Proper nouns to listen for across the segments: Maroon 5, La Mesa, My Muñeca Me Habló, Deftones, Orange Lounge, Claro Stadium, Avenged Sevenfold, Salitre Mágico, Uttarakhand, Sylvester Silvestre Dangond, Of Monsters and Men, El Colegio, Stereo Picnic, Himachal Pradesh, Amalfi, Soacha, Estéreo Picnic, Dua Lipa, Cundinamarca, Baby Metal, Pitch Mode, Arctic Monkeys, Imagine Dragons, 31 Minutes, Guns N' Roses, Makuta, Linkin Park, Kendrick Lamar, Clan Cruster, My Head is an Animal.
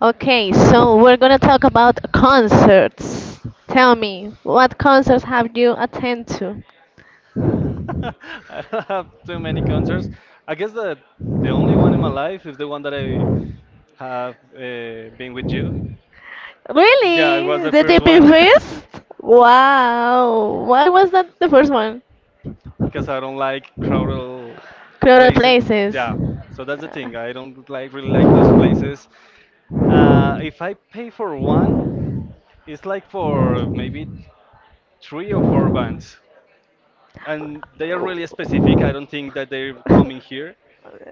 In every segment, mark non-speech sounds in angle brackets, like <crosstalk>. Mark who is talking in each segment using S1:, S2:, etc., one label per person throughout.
S1: Okay, so we're gonna talk about concerts. Tell me, what concerts have you attended to?
S2: <laughs> I don't have too many concerts. I guess that the only one in my life is the one that I have been with you. Yeah, it was
S1: Really?
S2: the
S1: The
S2: first
S1: DP
S2: one
S1: first? Wow. Why was that the first one?
S2: <laughs> because I don't like crowded
S1: Crowded
S2: places.
S1: places.
S2: Yeah, so that's the
S1: Uh,
S2: thing. I don't like really like those places. If I pay for one, it's like for maybe three or four bands, and they are really specific. I don't think that they're coming here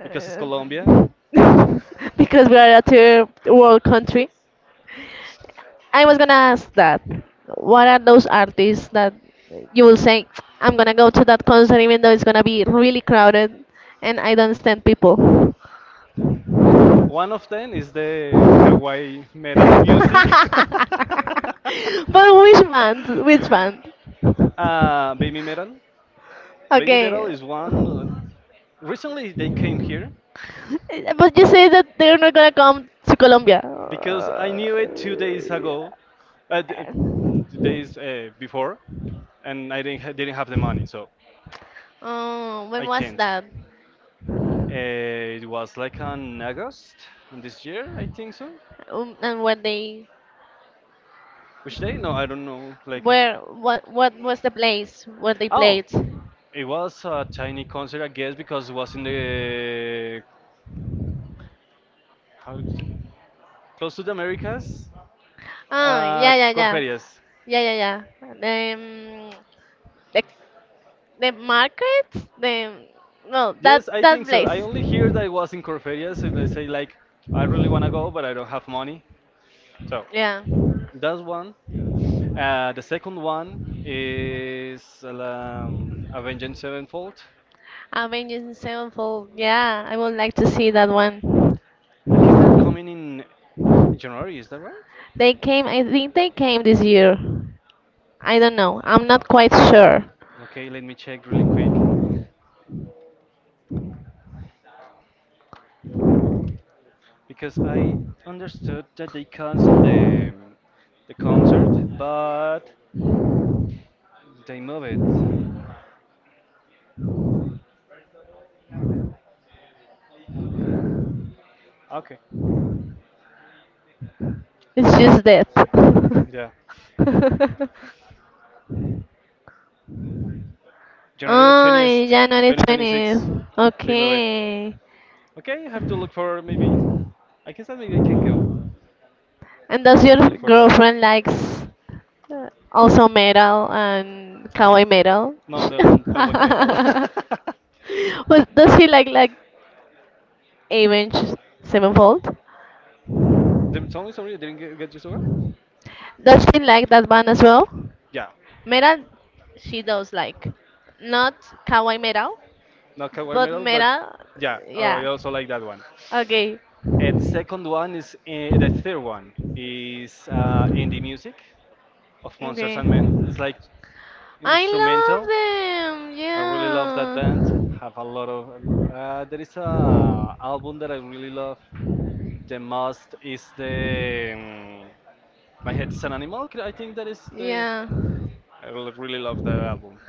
S2: because it's Colombia.
S1: <laughs> because we are a third world country.
S2: <laughs>
S1: I was gonna ask that. What are those artists that you will say, I'm gonna go to that concert even though it's gonna be really crowded and I don't stand people? <laughs> But
S2: One of them is the kawaii metal music.
S1: which band? Which band?
S2: <laughs> Baby metal. Baby metal
S1: Okay.
S2: is one. Recently, they came here
S1: But you say that they're not gonna come to Colombia.
S2: because I knew it 2 days ago, uh, d- uh,
S1: Uh,
S2: 2 days before, and I didn't have the money, so
S1: Oh, when
S2: I
S1: was
S2: can't.
S1: that?
S2: Uh, it was like on August this year, I think so.
S1: And when they
S2: Which day? No, I don't know. Like
S1: where what was the place where they
S2: oh,
S1: played?
S2: it was a tiny concert, I guess, because it was in the how is it? Close to the Americas.
S1: Ah, yeah, yeah, yeah,
S2: Corferias.
S1: yeah, yeah, yeah. The, Um, the the market, the no, that
S2: Yes, I
S1: that
S2: think so. I
S1: place.
S2: only hear that it was in Corferias, so they say like, I really wanna go, but I don't have money. So
S1: Yeah,
S2: that's one. The second one is Avenged Sevenfold.
S1: Avengers Sevenfold. Yeah, I would like to see that one.
S2: I guess they're coming in January. Is that right?
S1: They came, I think they came this year. I don't know. I'm not quite sure.
S2: Okay, let me check really quick, because I understood that they canceled the concert, but they move it. Okay,
S1: It's just that.
S2: yeah,
S1: <laughs>
S2: January the
S1: Oh,
S2: 20th,
S1: in January
S2: twenty twenty
S1: 20th.
S2: six, they move it.
S1: Okay.
S2: Okay, I have to look for maybe. I guess that maybe I can go.
S1: And does your
S2: I look for that.
S1: girlfriend likes also metal and kawaii metal?
S2: No, they're not Hawaiian metal. <laughs>
S1: <laughs> Does she like Avenged Sevenfold?
S2: The only sorry, I didn't get you so well?
S1: Does she like that band as well?
S2: Yeah,
S1: Metal, she does like. Not kawaii metal,
S2: not Hawaiian
S1: But
S2: metal, but
S1: meta,
S2: yeah,
S1: yeah.
S2: I also like that one.
S1: Okay,
S2: And the second one is the third one is indie music. Of Monsters
S1: okay.
S2: and Men. It's like instrumental.
S1: I love them.
S2: I really love that band.
S1: Yeah.
S2: Have a lot of. There is a album that I really love. The most is the My Head is an Animal. I think that is the.
S1: Yeah.
S2: I really love that album.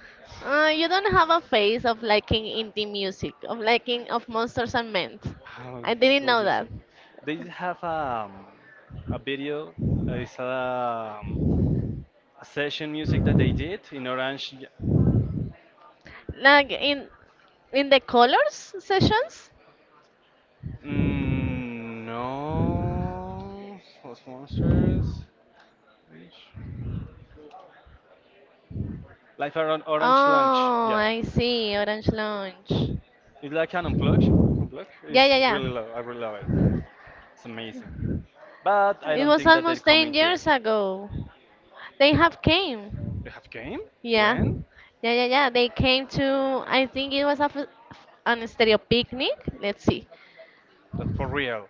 S1: You don't have a phase of liking indie music, of liking of Monsters and Men.
S2: Oh,
S1: I didn't
S2: good
S1: know that.
S2: music. They have a video. uh, It's a, um, a session music that they did in Orange.
S1: Like in the colors sessions?
S2: Mm, no, was monsters. Orange. Life around Orange Lounge.
S1: Oh,
S2: Yeah,
S1: I see. Orange Lounge.
S2: it's like an unplugged. Unplugged. It's
S1: Yeah, yeah, yeah.
S2: really low. I really love it. It's amazing. But I
S1: It
S2: don't
S1: was
S2: think that they're
S1: almost 10
S2: coming here.
S1: years ago. They have came.
S2: They have game?
S1: Yeah,
S2: When?
S1: yeah, yeah, yeah. They came to, I think it was a f an stereo picnic. Let's see.
S2: But for real.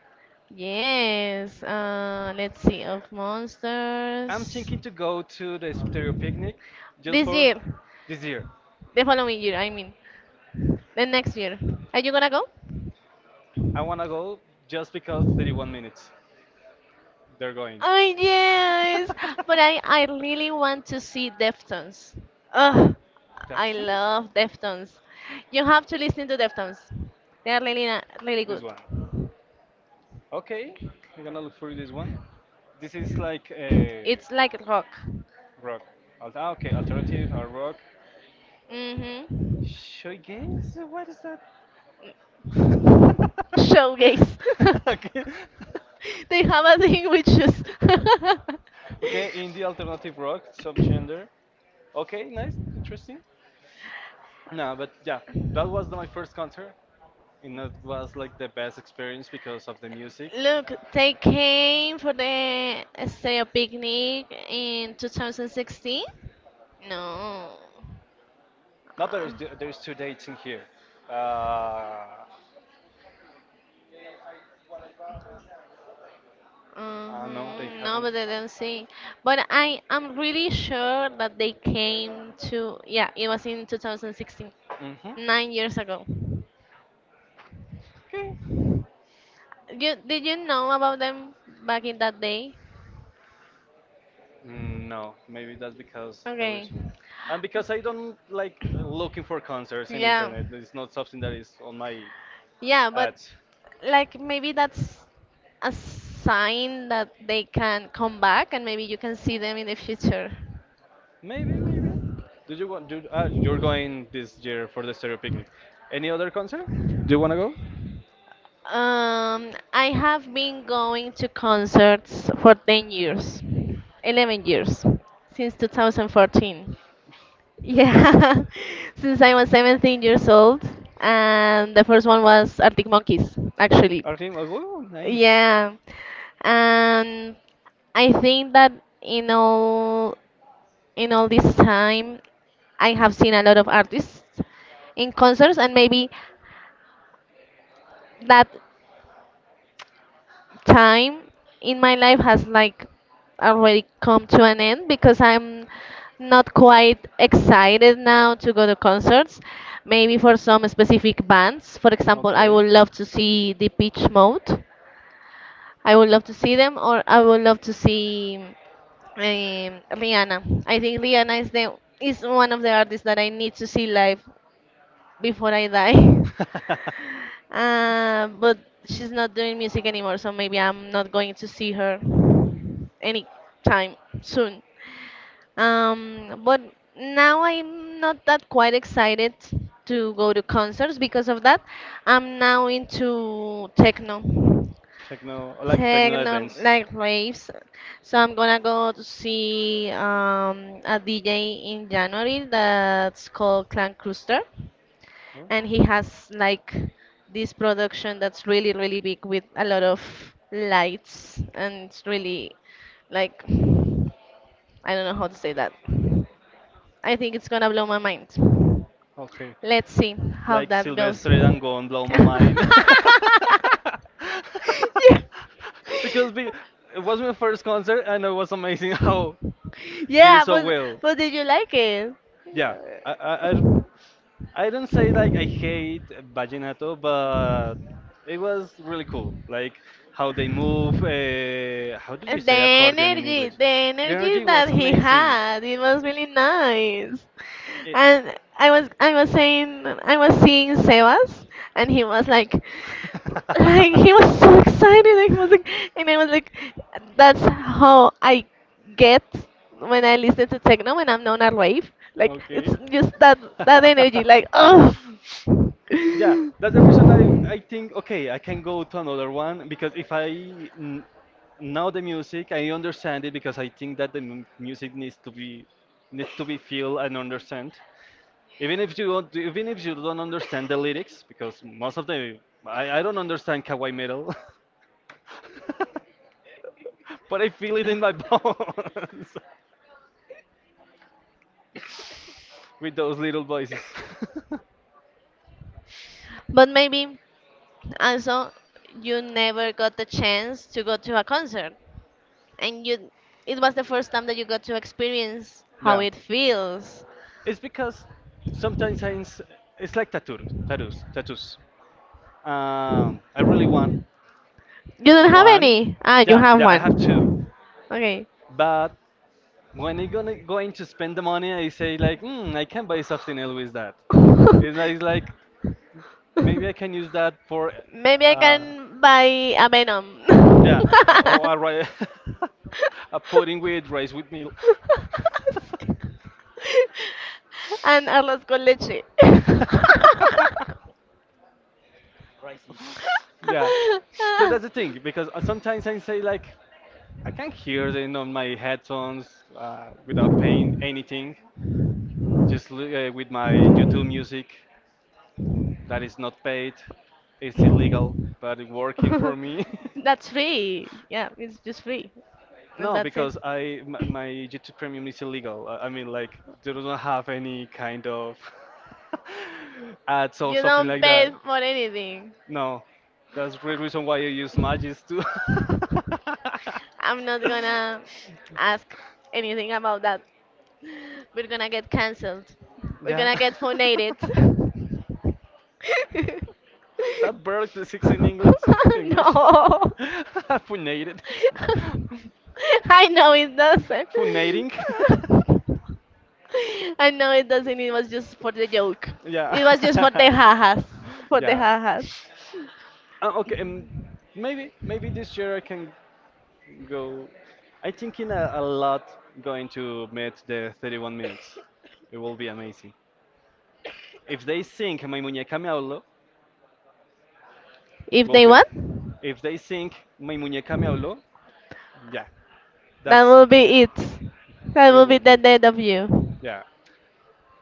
S1: Yes, let's see, of
S2: I'm
S1: monsters.
S2: thinking to go to the stereo picnic just
S1: This
S2: for
S1: year,
S2: this year.
S1: the following year, I mean, the next year. Are you gonna go?
S2: I wanna go just because 31 minutes they're going.
S1: Oh, yes, but I really want to see Deftones.
S2: <laughs>
S1: Ugh, I
S2: Deftons?
S1: love Deftones. You have to listen to Deftones. They are really, really
S2: This
S1: good.
S2: one. Okay, I'm gonna look for this one. This is like a
S1: It's like rock.
S2: rock. Okay, alternative or rock.
S1: Hmm.
S2: Shoegaze? What is that?
S1: Showcase.
S2: <laughs>
S1: <laughs>
S2: Okay.
S1: They have a thing with shoes. <laughs>
S2: Okay, indie alternative rock subgenre. Okay, nice, interesting. No, but yeah, that was my first concert, and that was like the best experience because of the music.
S1: Look, they came for the Estéreo picnic in 2016. No.
S2: Now there
S1: Uh,
S2: is there is two dates in here. Uh, no, they
S1: hmm. No,
S2: haven't.
S1: but I don't see. But I am really sure that they came to, yeah, it was in 2016,
S2: Mhm.
S1: 9 years ago.
S2: Okay.
S1: Did you know about them back in that day?
S2: Mm, no, maybe that's because the
S1: Okay.
S2: reason. And because I don't like looking for concerts in
S1: Yeah.
S2: internet. It's not something that is on my
S1: Yeah, but
S2: ads.
S1: like maybe that's a sign that they can come back and maybe you can see them in the future.
S2: Maybe, maybe. Do you want? You're going this year for the stereo picnic. Any other concert? Do you wanna go?
S1: I have been going to concerts for 10 years, 11 years, since 2014. Yeah, <laughs> since I was 17 years old, and the first one was Arctic Monkeys, actually.
S2: Arctic. Monkeys? Oh, nice.
S1: Yeah, and I think that in all this time, I have seen a lot of artists in concerts, and maybe that time in my life has like already come to an end because I'm not quite excited now to go to concerts. Maybe for some specific bands, for example, I
S2: Okay.
S1: would love to see the Pitch Mode. I would love to see them, or I would love to see Rihanna. I think Rihanna is one of the artists that I need to see live before I die. <laughs>
S2: <laughs>
S1: But she's not doing music anymore, so maybe I'm not going to see her anytime soon. But now I'm not that quite excited to go to concerts because of that. I'm now into techno,
S2: Techno, like techno
S1: techno
S2: advance.
S1: like raves. So I'm gonna go to see a DJ in January that's called Clan Cruster,
S2: Oh.
S1: and he has like this production that's really really big with a lot of lights, and it's really like, I don't know how to say that. I think it's gonna blow my mind.
S2: Okay.
S1: Let's see how
S2: Like
S1: that goes.
S2: Sylvester Silvestre Dangond, blow
S1: <laughs>
S2: my
S1: Yeah.
S2: mind. <laughs> because be, it was my first concert and it was amazing how did
S1: Yeah,
S2: it so
S1: but
S2: well.
S1: but did you like it?
S2: Yeah, I, I, I I don't say like I hate vallenato, but it was really cool. Like how they move. How do you
S1: And
S2: say accordion in English?
S1: the
S2: The
S1: energy
S2: energy
S1: that
S2: was
S1: he
S2: amazing.
S1: had, it was really nice.
S2: It,
S1: And I was saying, I was seeing Sebas, and he was
S2: <laughs>
S1: like he was so excited. And he was like, and I was like, that's how I get when I listen to techno when I'm not a rave. Like it's
S2: okay.
S1: just that that energy,
S2: <laughs>
S1: like, oh.
S2: Yeah, that's the
S1: <laughs>
S2: reason I think, okay, I can go to another one because if I n know the music, I understand it because I think that the music needs to be feel and understand. Even if you don't understand the lyrics, because most of the I don't understand kawaii metal, <laughs> but I feel it in my bones. <laughs> with those little voices. <laughs>
S1: But maybe also you never got the chance to go to a concert, and you it was the first time that you got to experience how
S2: Yeah.
S1: it feels.
S2: It's because sometimes I ins- it's like tattoos. I really want
S1: You don't have
S2: one.
S1: any? Ah, you
S2: Yeah,
S1: have
S2: yeah, I have two.
S1: one. Okay.
S2: But when I gonna going to spend the money, I say like, hmm, I can buy something else
S1: <laughs>
S2: with that. It's like maybe I can use that for.
S1: Maybe I
S2: Uh,
S1: can buy a Venom.
S2: Yeah,
S1: <laughs>
S2: or, <laughs> a pudding with rice with milk.
S1: And Arroz con leche.
S2: <laughs>
S1: <laughs> <laughs>
S2: Yeah, so that's the thing because sometimes I say like I can't hear them on my headphones without paying anything. With my YouTube music that is not paid, it's illegal, but it's working for me.
S1: That's free. Yeah, it's just free.
S2: <laughs>
S1: And
S2: No,
S1: that's it.
S2: because my YouTube Premium is illegal. I mean, like, they don't have any kind of <laughs> ads or
S1: You
S2: something
S1: don't
S2: like that.
S1: pay for anything.
S2: No, that's the reason why I use Magis too. <laughs>
S1: I'm not gonna ask anything about that. We're gonna get cancelled. We're gonna
S2: Yeah.
S1: get
S2: <laughs>
S1: phonated. <laughs>
S2: That bird is six in English. English.
S1: No.
S2: <laughs> Funated. <laughs>
S1: I know it doesn't.
S2: Funating.
S1: <laughs> I know it doesn't. It was just for the joke.
S2: <laughs> Yeah.
S1: It was just for the hahas.
S2: <laughs>
S1: For the
S2: Yeah.
S1: hahas.
S2: Okay, maybe maybe this year I can go. I'm thinking a lot going to meet the 31 minutes. It will be amazing. If they sing My Muñeca Me Habló,
S1: If
S2: will
S1: they
S2: be.
S1: want?
S2: If they sing My Muñeca Me Habló, yeah,
S1: That
S2: that's
S1: will be it. That
S2: it
S1: will be
S2: will be.
S1: the death of you.
S2: Yeah.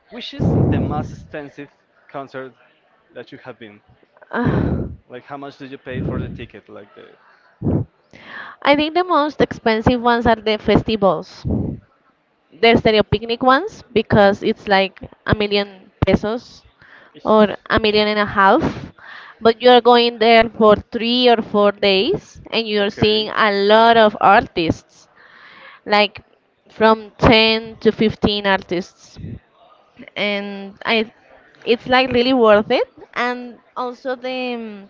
S2: Which is the most expensive concert that you have been?
S1: Ah,
S2: Like, how much did you pay for the ticket? Like the.
S1: I think the most expensive ones are the festivals. The stereo picnic ones, because it's like a million pesos
S2: Ish.
S1: or a million and a half. But you're going there for 3 or 4 days, and you're seeing
S2: Okay.
S1: a lot of artists, like from 10 to 15 artists. And I, it's like really worth it. And also the um,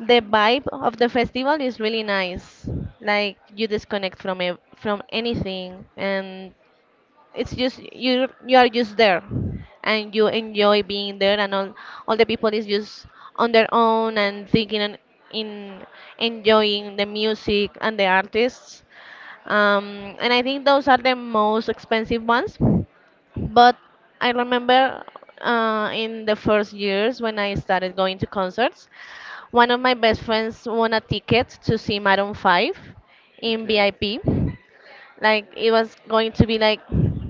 S1: The vibe of the festival is really nice. Like, you disconnect from from anything, and it's just you are just there, and you enjoy being there, and all the people is just on their own and thinking and in enjoying the music and the artists. And I think those are the most expensive ones. But I remember in the first years when I started going to concerts, one of my best friends won a ticket to see Maroon 5 in
S2: Okay.
S1: VIP. Like, it was going to be like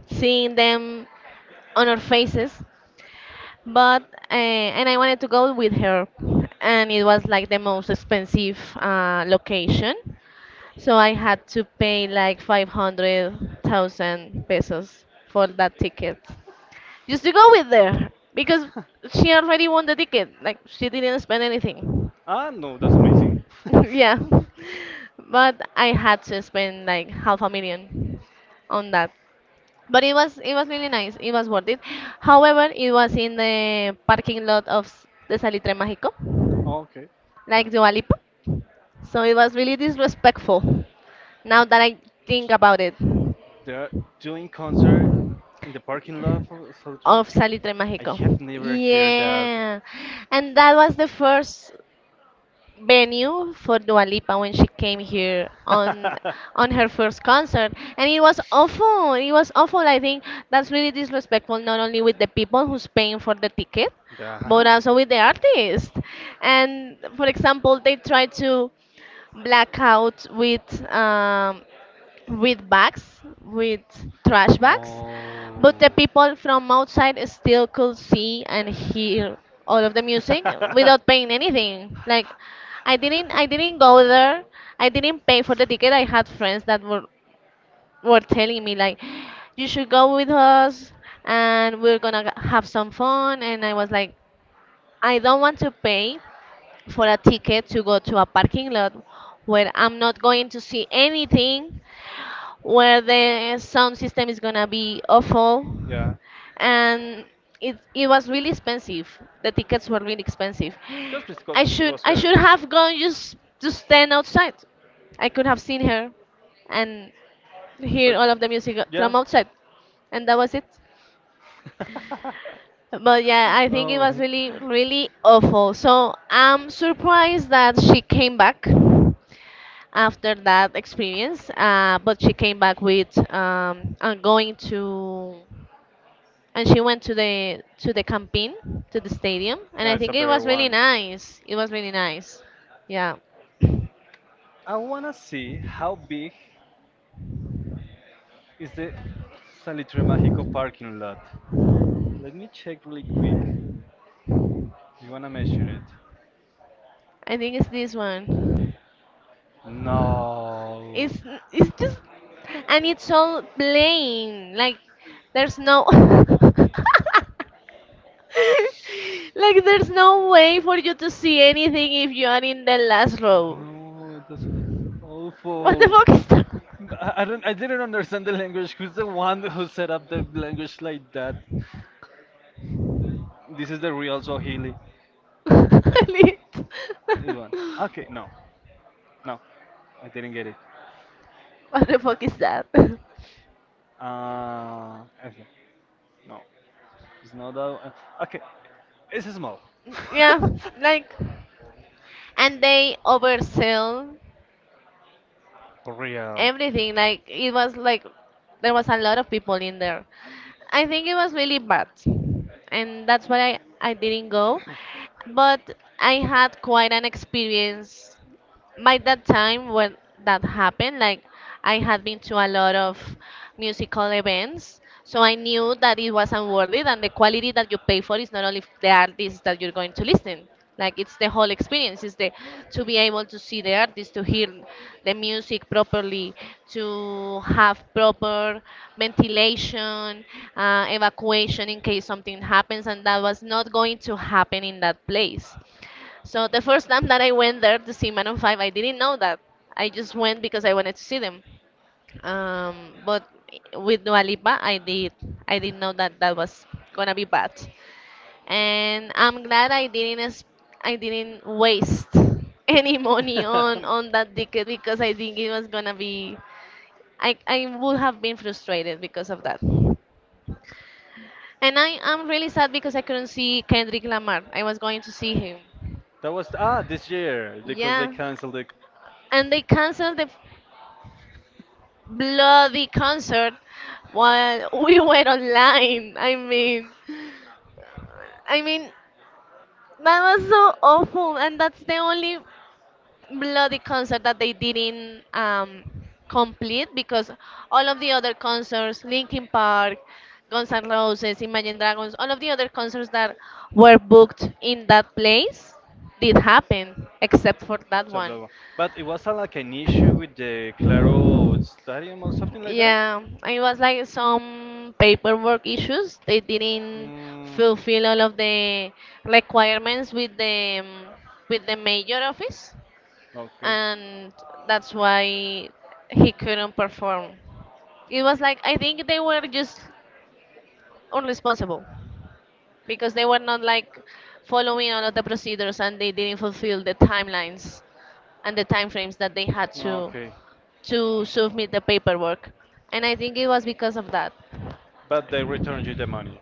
S1: seeing them on our faces, but and I wanted to go with her, and it was like the most expensive
S2: <laughs>
S1: location, so I had to pay like 500,000 pesos for that ticket just to go with her, because she already won the ticket, like she didn't spend anything.
S2: Ah, no, that's amazing.
S1: <laughs>
S2: <laughs>
S1: Yeah, but I had to spend like half a million on that. But it was really nice. It was worth it. However, it was in the parking lot of the Salitre Mágico,
S2: Oh, okay. Th-
S1: like Dua Lipa. So it was really disrespectful. Now that I think about it,
S2: They're doing concert in the parking lot for two-
S1: of Salitre
S2: I
S1: Mágico.
S2: have never heard that.
S1: Yeah, and that was the first venue for Dua Lipa when she came here on her first concert, and it was awful. It was awful. I think that's really disrespectful, not only with the people who's paying for the ticket,
S2: <laughs> Yeah.
S1: but also with the artist. And for example, they tried to black out with um, bags, with trash bags, but the people
S2: <laughs>
S1: from outside still could see and hear all of the music without paying anything. Like, I didn't go there. I didn't pay for the ticket. I had friends that were telling me like, you should go with us and we're going to have some fun. And I was like, I don't want to pay for a ticket to go to a parking lot where I'm not going to see anything, where the sound system is gonna be awful,
S2: Yeah,
S1: and it was really expensive. The tickets were really expensive.
S2: just because
S1: I
S2: it
S1: should
S2: was
S1: I
S2: her.
S1: should have gone just to stand outside. I could have seen her, and hear
S2: But
S1: all of the music
S2: yeah.
S1: from outside, and that was it. But yeah, I
S2: <laughs>
S1: think it was
S2: Oh.
S1: really really awful. So I'm surprised that she came back
S2: <laughs>
S1: after that experience. But she came back with I'm going to, and she went to the campaign to the stadium, and I think it was really nice. It was really nice. Yeah,
S2: I wanna see how big is the Salitre Mágico parking lot. Let me check really quick. You wanna measure it?
S1: I think it's this one.
S2: No.
S1: It's it's just, and it's all plain. Like, there's no. <laughs> <laughs> Like, there's no way for you to see anything if you are in the last
S2: I row.
S1: row.
S2: Know, that's what the
S1: What
S2: awful.
S1: the
S2: That?
S1: fuck is that?
S2: I don't. I didn't understand the language. Who's the one who set up the language like that? This is the real Swahili.
S1: <laughs> Lit.
S2: This one. Okay, no, no, I didn't get it.
S1: What the fuck is that?
S2: Okay, no, it's not that. One. Okay, it's small. <laughs>
S1: <laughs> Yeah, like, and they oversell
S2: For real.
S1: everything. Like, it was like there was a lot of people in there. I think it was really bad, and that's why I didn't go. But I had quite an experience by that time when that happened. Like, I had been to a lot of musical events, so I knew that it wasn't worth it, and the quality that you pay for is not only the artist that you're going to listen, like, it's the whole experience, it's the to be able to see the artist, to hear the music properly, to have proper ventilation, evacuation in case something happens, and that was not going to happen in that place. So the first time that I went there to see Maroon 5, I didn't know that. I just went because I wanted to see them. But with Dua Lipa, I did. I didn't know that that was gonna be bad, and I'm glad I didn't. I didn't waste <laughs> any
S2: <laughs>
S1: money
S2: that
S1: on that ticket because I think it was gonna be. I would have been frustrated because of that. And I am really sad because I couldn't see Kendrick Lamar. I was going to see him.
S2: was ah this year because they
S1: Yeah.
S2: canceled the
S1: And they canceled the bloody concert while <laughs> we were online. I mean, that was so awful, and that's the only bloody concert that they didn't complete because all of the other concerts, Linkin Park, Guns N' Roses, Imagine Dragons, all of the other concerts that were booked in that place did happen, except for that
S2: So
S1: one.
S2: that But it was like an issue with the Claro Stadium or something like that?
S1: Yeah, it was like some paperwork issues. They didn't
S2: Mm,
S1: fulfill all of the requirements with the major office,
S2: okay.
S1: and that's why he couldn't perform. It was like I think they were just unresponsible because they were not like following all of the procedures and they didn't fulfill the timelines and the timeframes that they had to
S2: Okay.
S1: to submit the paperwork, and I think it was because of that.
S2: But they returned you the money.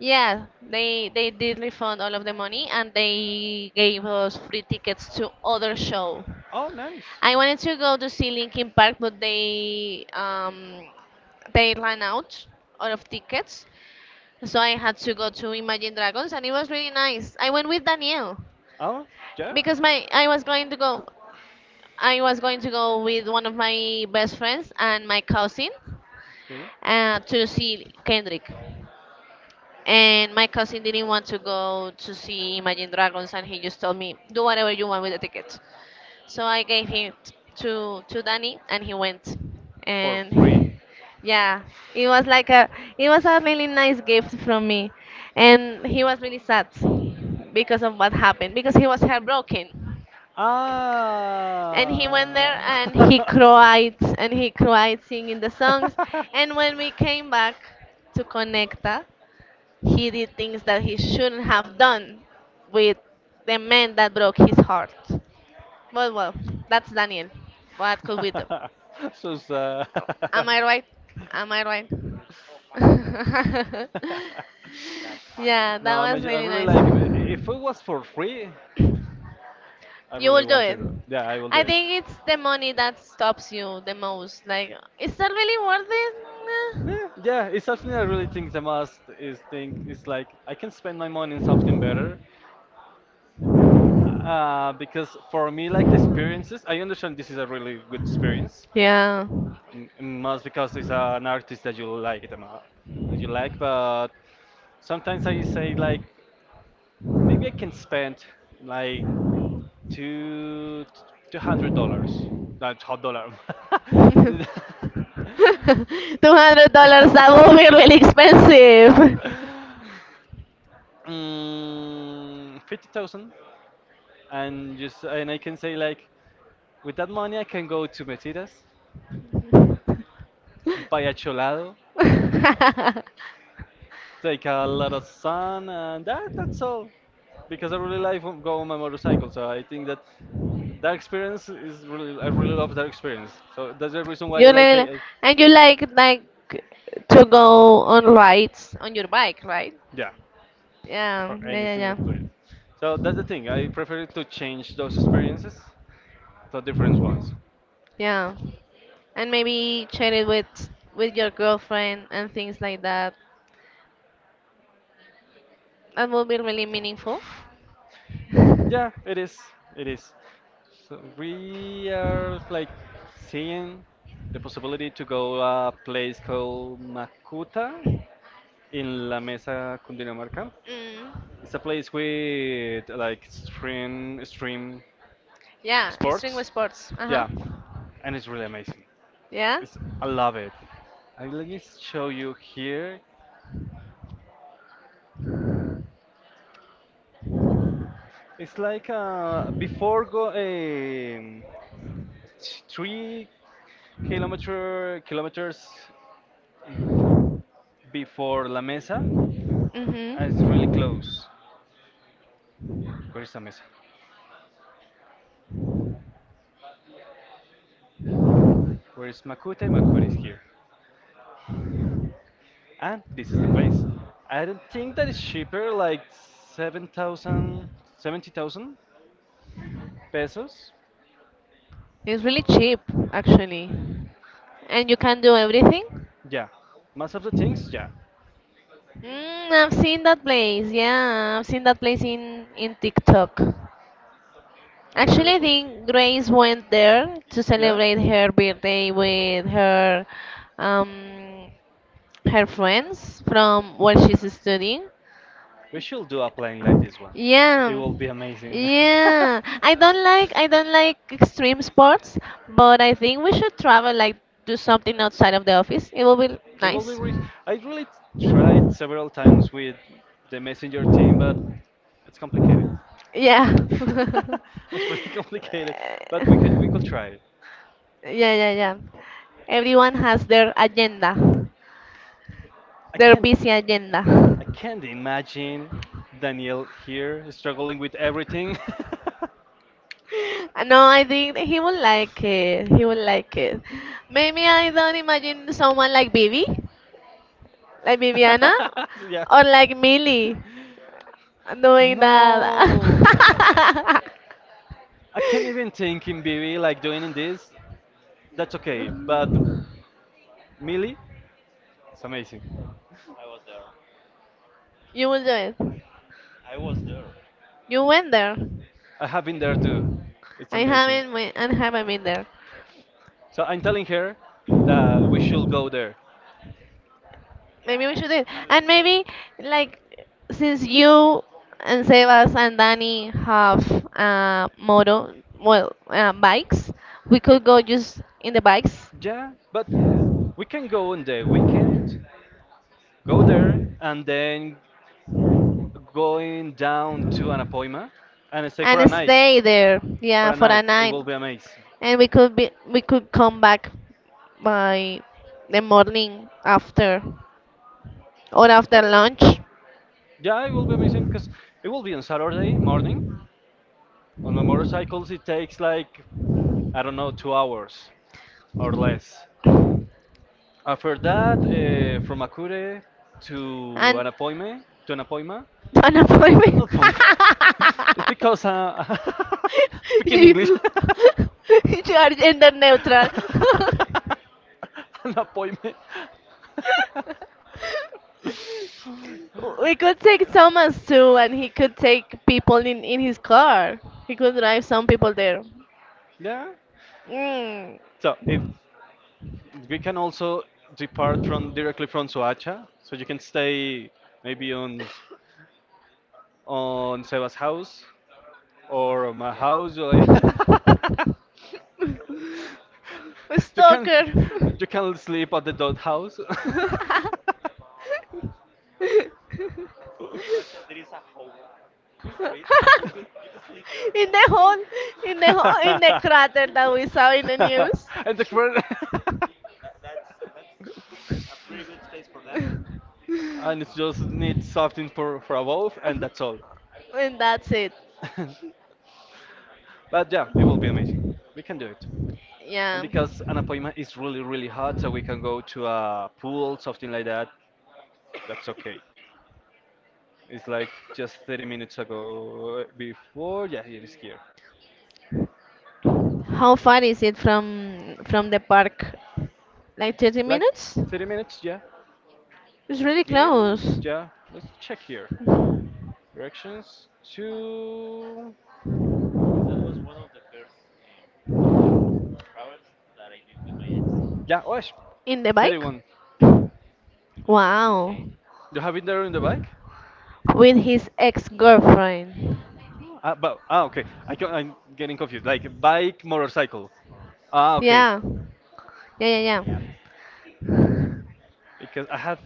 S1: Yeah, they did refund all of the money and they gave us free tickets to other show.
S2: Oh, nice.
S1: I wanted to go to see Linkin Park, but they ran out of tickets, so I had to go to Imagine Dragons, and it was really nice. I went with Daniel
S2: Oh, yeah.
S1: because my I
S2: <laughs>
S1: was going to go I was going to go with one of my best friends and my cousin
S2: Okay.
S1: to see Kendrick. And my cousin didn't want to go to see Imagine Dragons, and he just told me, do whatever you want with the tickets. So I gave him to Danny, and he went.
S2: For free.
S1: And <laughs> yeah, it was like a it was a really nice gift from me, and he was really sad because of what happened because he was heartbroken.
S2: Ah.
S1: And he went there and he cried singing the songs. And when we came back to Conecta, he did things that he shouldn't have done with the man that broke his heart.
S2: <laughs> <laughs>
S1: Well, that's Daniel. What could we do?
S2: This is, <laughs>
S1: Am I right? Am I right? <laughs> Yeah,
S2: no,
S1: that was
S2: I
S1: really
S2: really like. I-
S1: nice.
S2: If it was for free, I
S1: You
S2: really
S1: will do
S2: want to
S1: it.
S2: go. Yeah, I will do
S1: I
S2: it.
S1: think it's the money that stops you the most. Like, is that really worth it? Nah.
S2: Yeah, yeah, it's something I really think the most is think it's like I can spend my money on something better. Because for me, like the experiences, I understand this is a really good experience,
S1: Yeah.
S2: M- most because it's an artist that you like them that you like but sometimes I say like maybe I can spend like two two hundred dollars not hot dollar
S1: <laughs>
S2: <laughs>
S1: $200, that will be really expensive.
S2: 50,000 and just and I can say like with that money I can go to metidas buy a cholado
S1: <laughs>
S2: take a lot of sun, and that, that's all. Because I really like to go on my motorcycle, so I think that that experience is really, I really love that experience. So that's the reason why I
S1: You
S2: like, I,
S1: really,
S2: I,
S1: and you like to go on rides on your bike, right?
S2: Yeah,
S1: Yeah,
S2: for
S1: yeah,
S2: any
S1: yeah,
S2: single
S1: yeah.
S2: place. So that's the thing. I prefer to change those experiences to different ones.
S1: Yeah. And maybe share it with your girlfriend and things like that. That will be really meaningful.
S2: Yeah,
S1: <laughs>
S2: it is. It is. So we are like seeing the possibility to go a place called Makuta in La Mesa, Cundinamarca.
S1: Mm.
S2: It's a place with like stream
S1: Yeah, extreme
S2: sports.
S1: sports. Uh
S2: Yeah,
S1: huh.
S2: and it's really amazing.
S1: Yeah.
S2: It's, I love it. And let me show you here. It's like before go three kilometers before La Mesa, and it's really
S1: Mhm.
S2: close. Where is La Mesa? Where is Macute? Macute is here, and this is the place. I don't think that it's cheaper, like 7,000, 70,000. Pesos?
S1: It's really cheap, actually, and you can do everything.
S2: Yeah. Most of the things? Yeah.
S1: Mm, I've seen that place. Yeah, I've seen that place in TikTok.
S2: It's
S1: Actually,
S2: really
S1: I
S2: cool.
S1: think Grace went there to
S2: Yeah?
S1: celebrate her birthday with her um her friends from where she's studying.
S2: We should do a plane like this one. It
S1: Yeah.
S2: will be amazing. <laughs>
S1: Yeah. I don't like extreme sports, but I think we should travel like do something outside of the office. It will be
S2: It will be
S1: nice.
S2: rich. I really tried several times with the messenger team, but it's complicated.
S1: Yeah. <laughs>
S2: <laughs> It's really complicated, but we could try.
S1: Yeah, yeah, yeah. Everyone has their agenda,
S2: I
S1: their
S2: can't
S1: busy agenda.
S2: I
S1: <laughs>
S2: can't imagine Daniel here struggling with everything.
S1: No, I think he will like it. He will like it. Maybe I don't imagine someone like Bibi. Like Viviana
S2: <laughs> <laughs> Yeah.
S1: or like
S2: <laughs>
S1: Millie doing that.
S2: No. I can't even
S1: <laughs>
S2: think in BB like doing in this. That's okay. But Millie, it's amazing.
S1: You will do it. You went there.
S2: I have been there too. It's
S1: I
S2: amazing.
S1: haven't went and haven't been there.
S2: So I'm telling her that we should go there.
S1: Maybe we should do it.
S2: Uh,
S1: And maybe like since you and Sebas and Danny have moto, well, bikes, we could go just in the bikes,
S2: yeah, but we can go on the weekend go there and then going down to an appointment and stay for a
S1: and
S2: night.
S1: stay there,
S2: For
S1: yeah,
S2: a
S1: for a
S2: night, it
S1: night,
S2: will be amazing.
S1: and we could come back by the morning after or
S2: Yeah,
S1: after lunch,
S2: yeah, it will be amazing because it will be on Saturday morning. On my motorcycles, it takes like I don't know 2 hours or less. After that, from Akure to
S1: and
S2: an appointment, to an appointment,
S1: <laughs> an
S2: an
S1: appointment.
S2: appointment. <laughs> It's because <laughs>
S1: <laughs>
S2: speaking English.
S1: You, <laughs> you are gender neutral. <laughs>
S2: <laughs> <laughs> An appointment. We could
S1: We could take Thomas too, and he could take people in his car. He could drive some people there.
S2: yeah.
S1: Mm.
S2: So if we can also depart from directly from Soacha, so you can stay maybe on Seba's house. Or my house. You're like, <laughs>
S1: <laughs> A
S2: you can
S1: Stalker.
S2: you can sleep at the dog house. <laughs>
S1: in the hole, in the hole, in the crater that we saw in the news.
S2: And the credit. <laughs> And it just needs something for a wolf, and that's all.
S1: <laughs> And that's it.
S2: <laughs> But yeah, it will be amazing. We can do it. And
S1: Yeah.
S2: because an appointment is really hot, so we can go to a pool, something like that. That's okay. It's like just 30 minutes ago before. Yeah, it is here.
S1: How far is it from the park? Like 30
S2: Like
S1: minutes?
S2: 30 minutes, yeah.
S1: It's really
S2: Again,
S1: close.
S2: yeah. Let's check here. Directions to. Yeah, oh, it's
S1: In the bike?
S2: 31.
S1: Wow.
S2: You have it there on the bike?
S1: With his ex-girlfriend.
S2: Ah, but, ah okay. I can, I'm getting confused. Like bike, motorcycle. Ah, okay.
S1: Yeah. Yeah, yeah,
S2: Because I have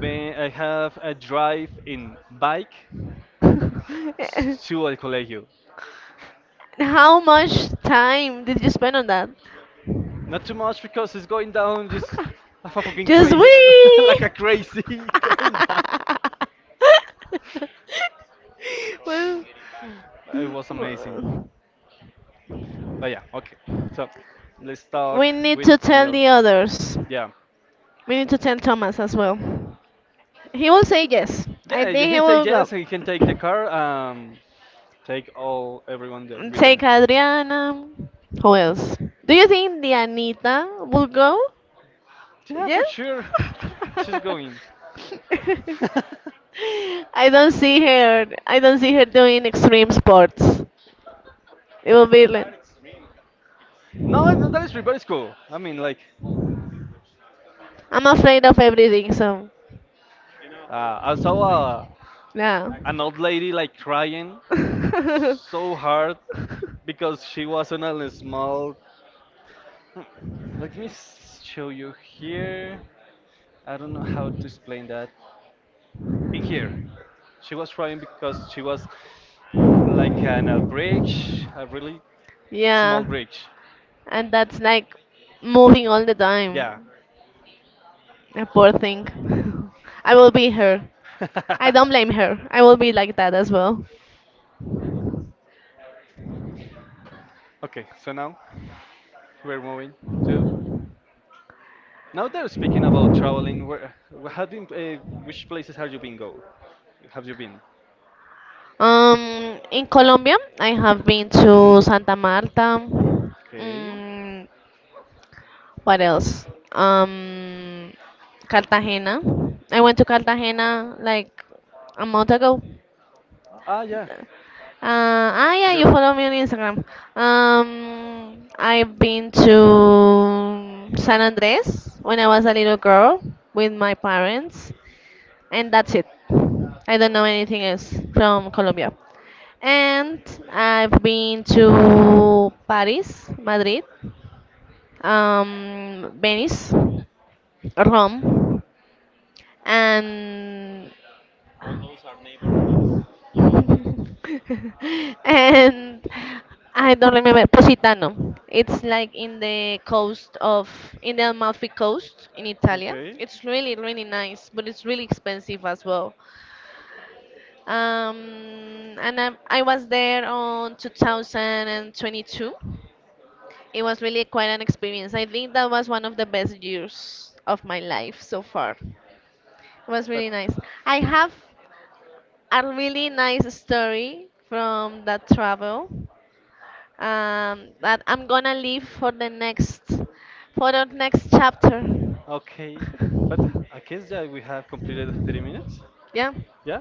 S2: been, I have a drive in bike
S1: yeah. <laughs>
S2: to El Colegio.
S1: How much time did you spend on that?
S2: Not too much because it's going down just like a
S1: <laughs>
S2: fucking
S1: Just
S2: crazy, <laughs>
S1: we. <laughs>
S2: like a crazy <laughs> going down.
S1: Well,
S2: It was amazing.
S1: well,
S2: But yeah, okay. So let's talk
S1: we need
S2: with
S1: to tell
S2: Daniel.
S1: the others.
S2: Yeah,
S1: We need to tell Thomas as well. He will say yes. I
S2: yeah.
S1: think he
S2: He said
S1: will go.
S2: yes. He can take the car. Take all everyone there with
S1: Take
S2: them.
S1: Adriana. Who else? Do you think the Anita will go?
S2: Yeah,
S1: Yes?
S2: for sure. She's going.
S1: <laughs>
S2: <laughs>
S1: I don't see her. I don't see her doing extreme sports. It will be like
S2: No, no, that is very cool. I mean, like,
S1: I'm afraid of everything, so
S2: I saw a,
S1: yeah.
S2: an old lady like crying
S1: <laughs>
S2: so hard because she was on a small. Let me show you here. I don't know how to explain that. In here, she was crying because she was like on a bridge, a really
S1: Yeah.
S2: small bridge.
S1: And that's like moving all the
S2: Yeah.
S1: time. A poor thing. <laughs> I will be her. I don't blame her. I will be like that as well.
S2: <laughs> Okay, so now we're moving to. Now that we are speaking about traveling. Where have been? Which places have you been go? Have you been?
S1: In Colombia, I have been to Santa Marta.
S2: Okay.
S1: Mm, what else? Um, Cartagena. I went to Cartagena like a month ago.
S2: Ah, yeah,
S1: Yeah,
S2: you're
S1: you
S2: right.
S1: follow me on Instagram. Um, I've been to San Andres when I was a little girl with my parents and that's it. I don't know anything else from Colombia. And I've been to Paris, Madrid, Venice, Rome, and <laughs> and I don't remember Positano. It's like in the Amalfi coast in Italy.
S2: Okay.
S1: It's really really nice, but it's really expensive as well. And I was there on 2022. It was really quite an experience. I think that was one of the best years of my life so far. It was
S2: But
S1: really nice. I have a really nice story from that travel, that I'm gonna leave for the next, for the next chapter.
S2: okay. But I
S1: <laughs>
S2: guess that we have completed the 30 minutes.
S1: Yeah.
S2: Yeah?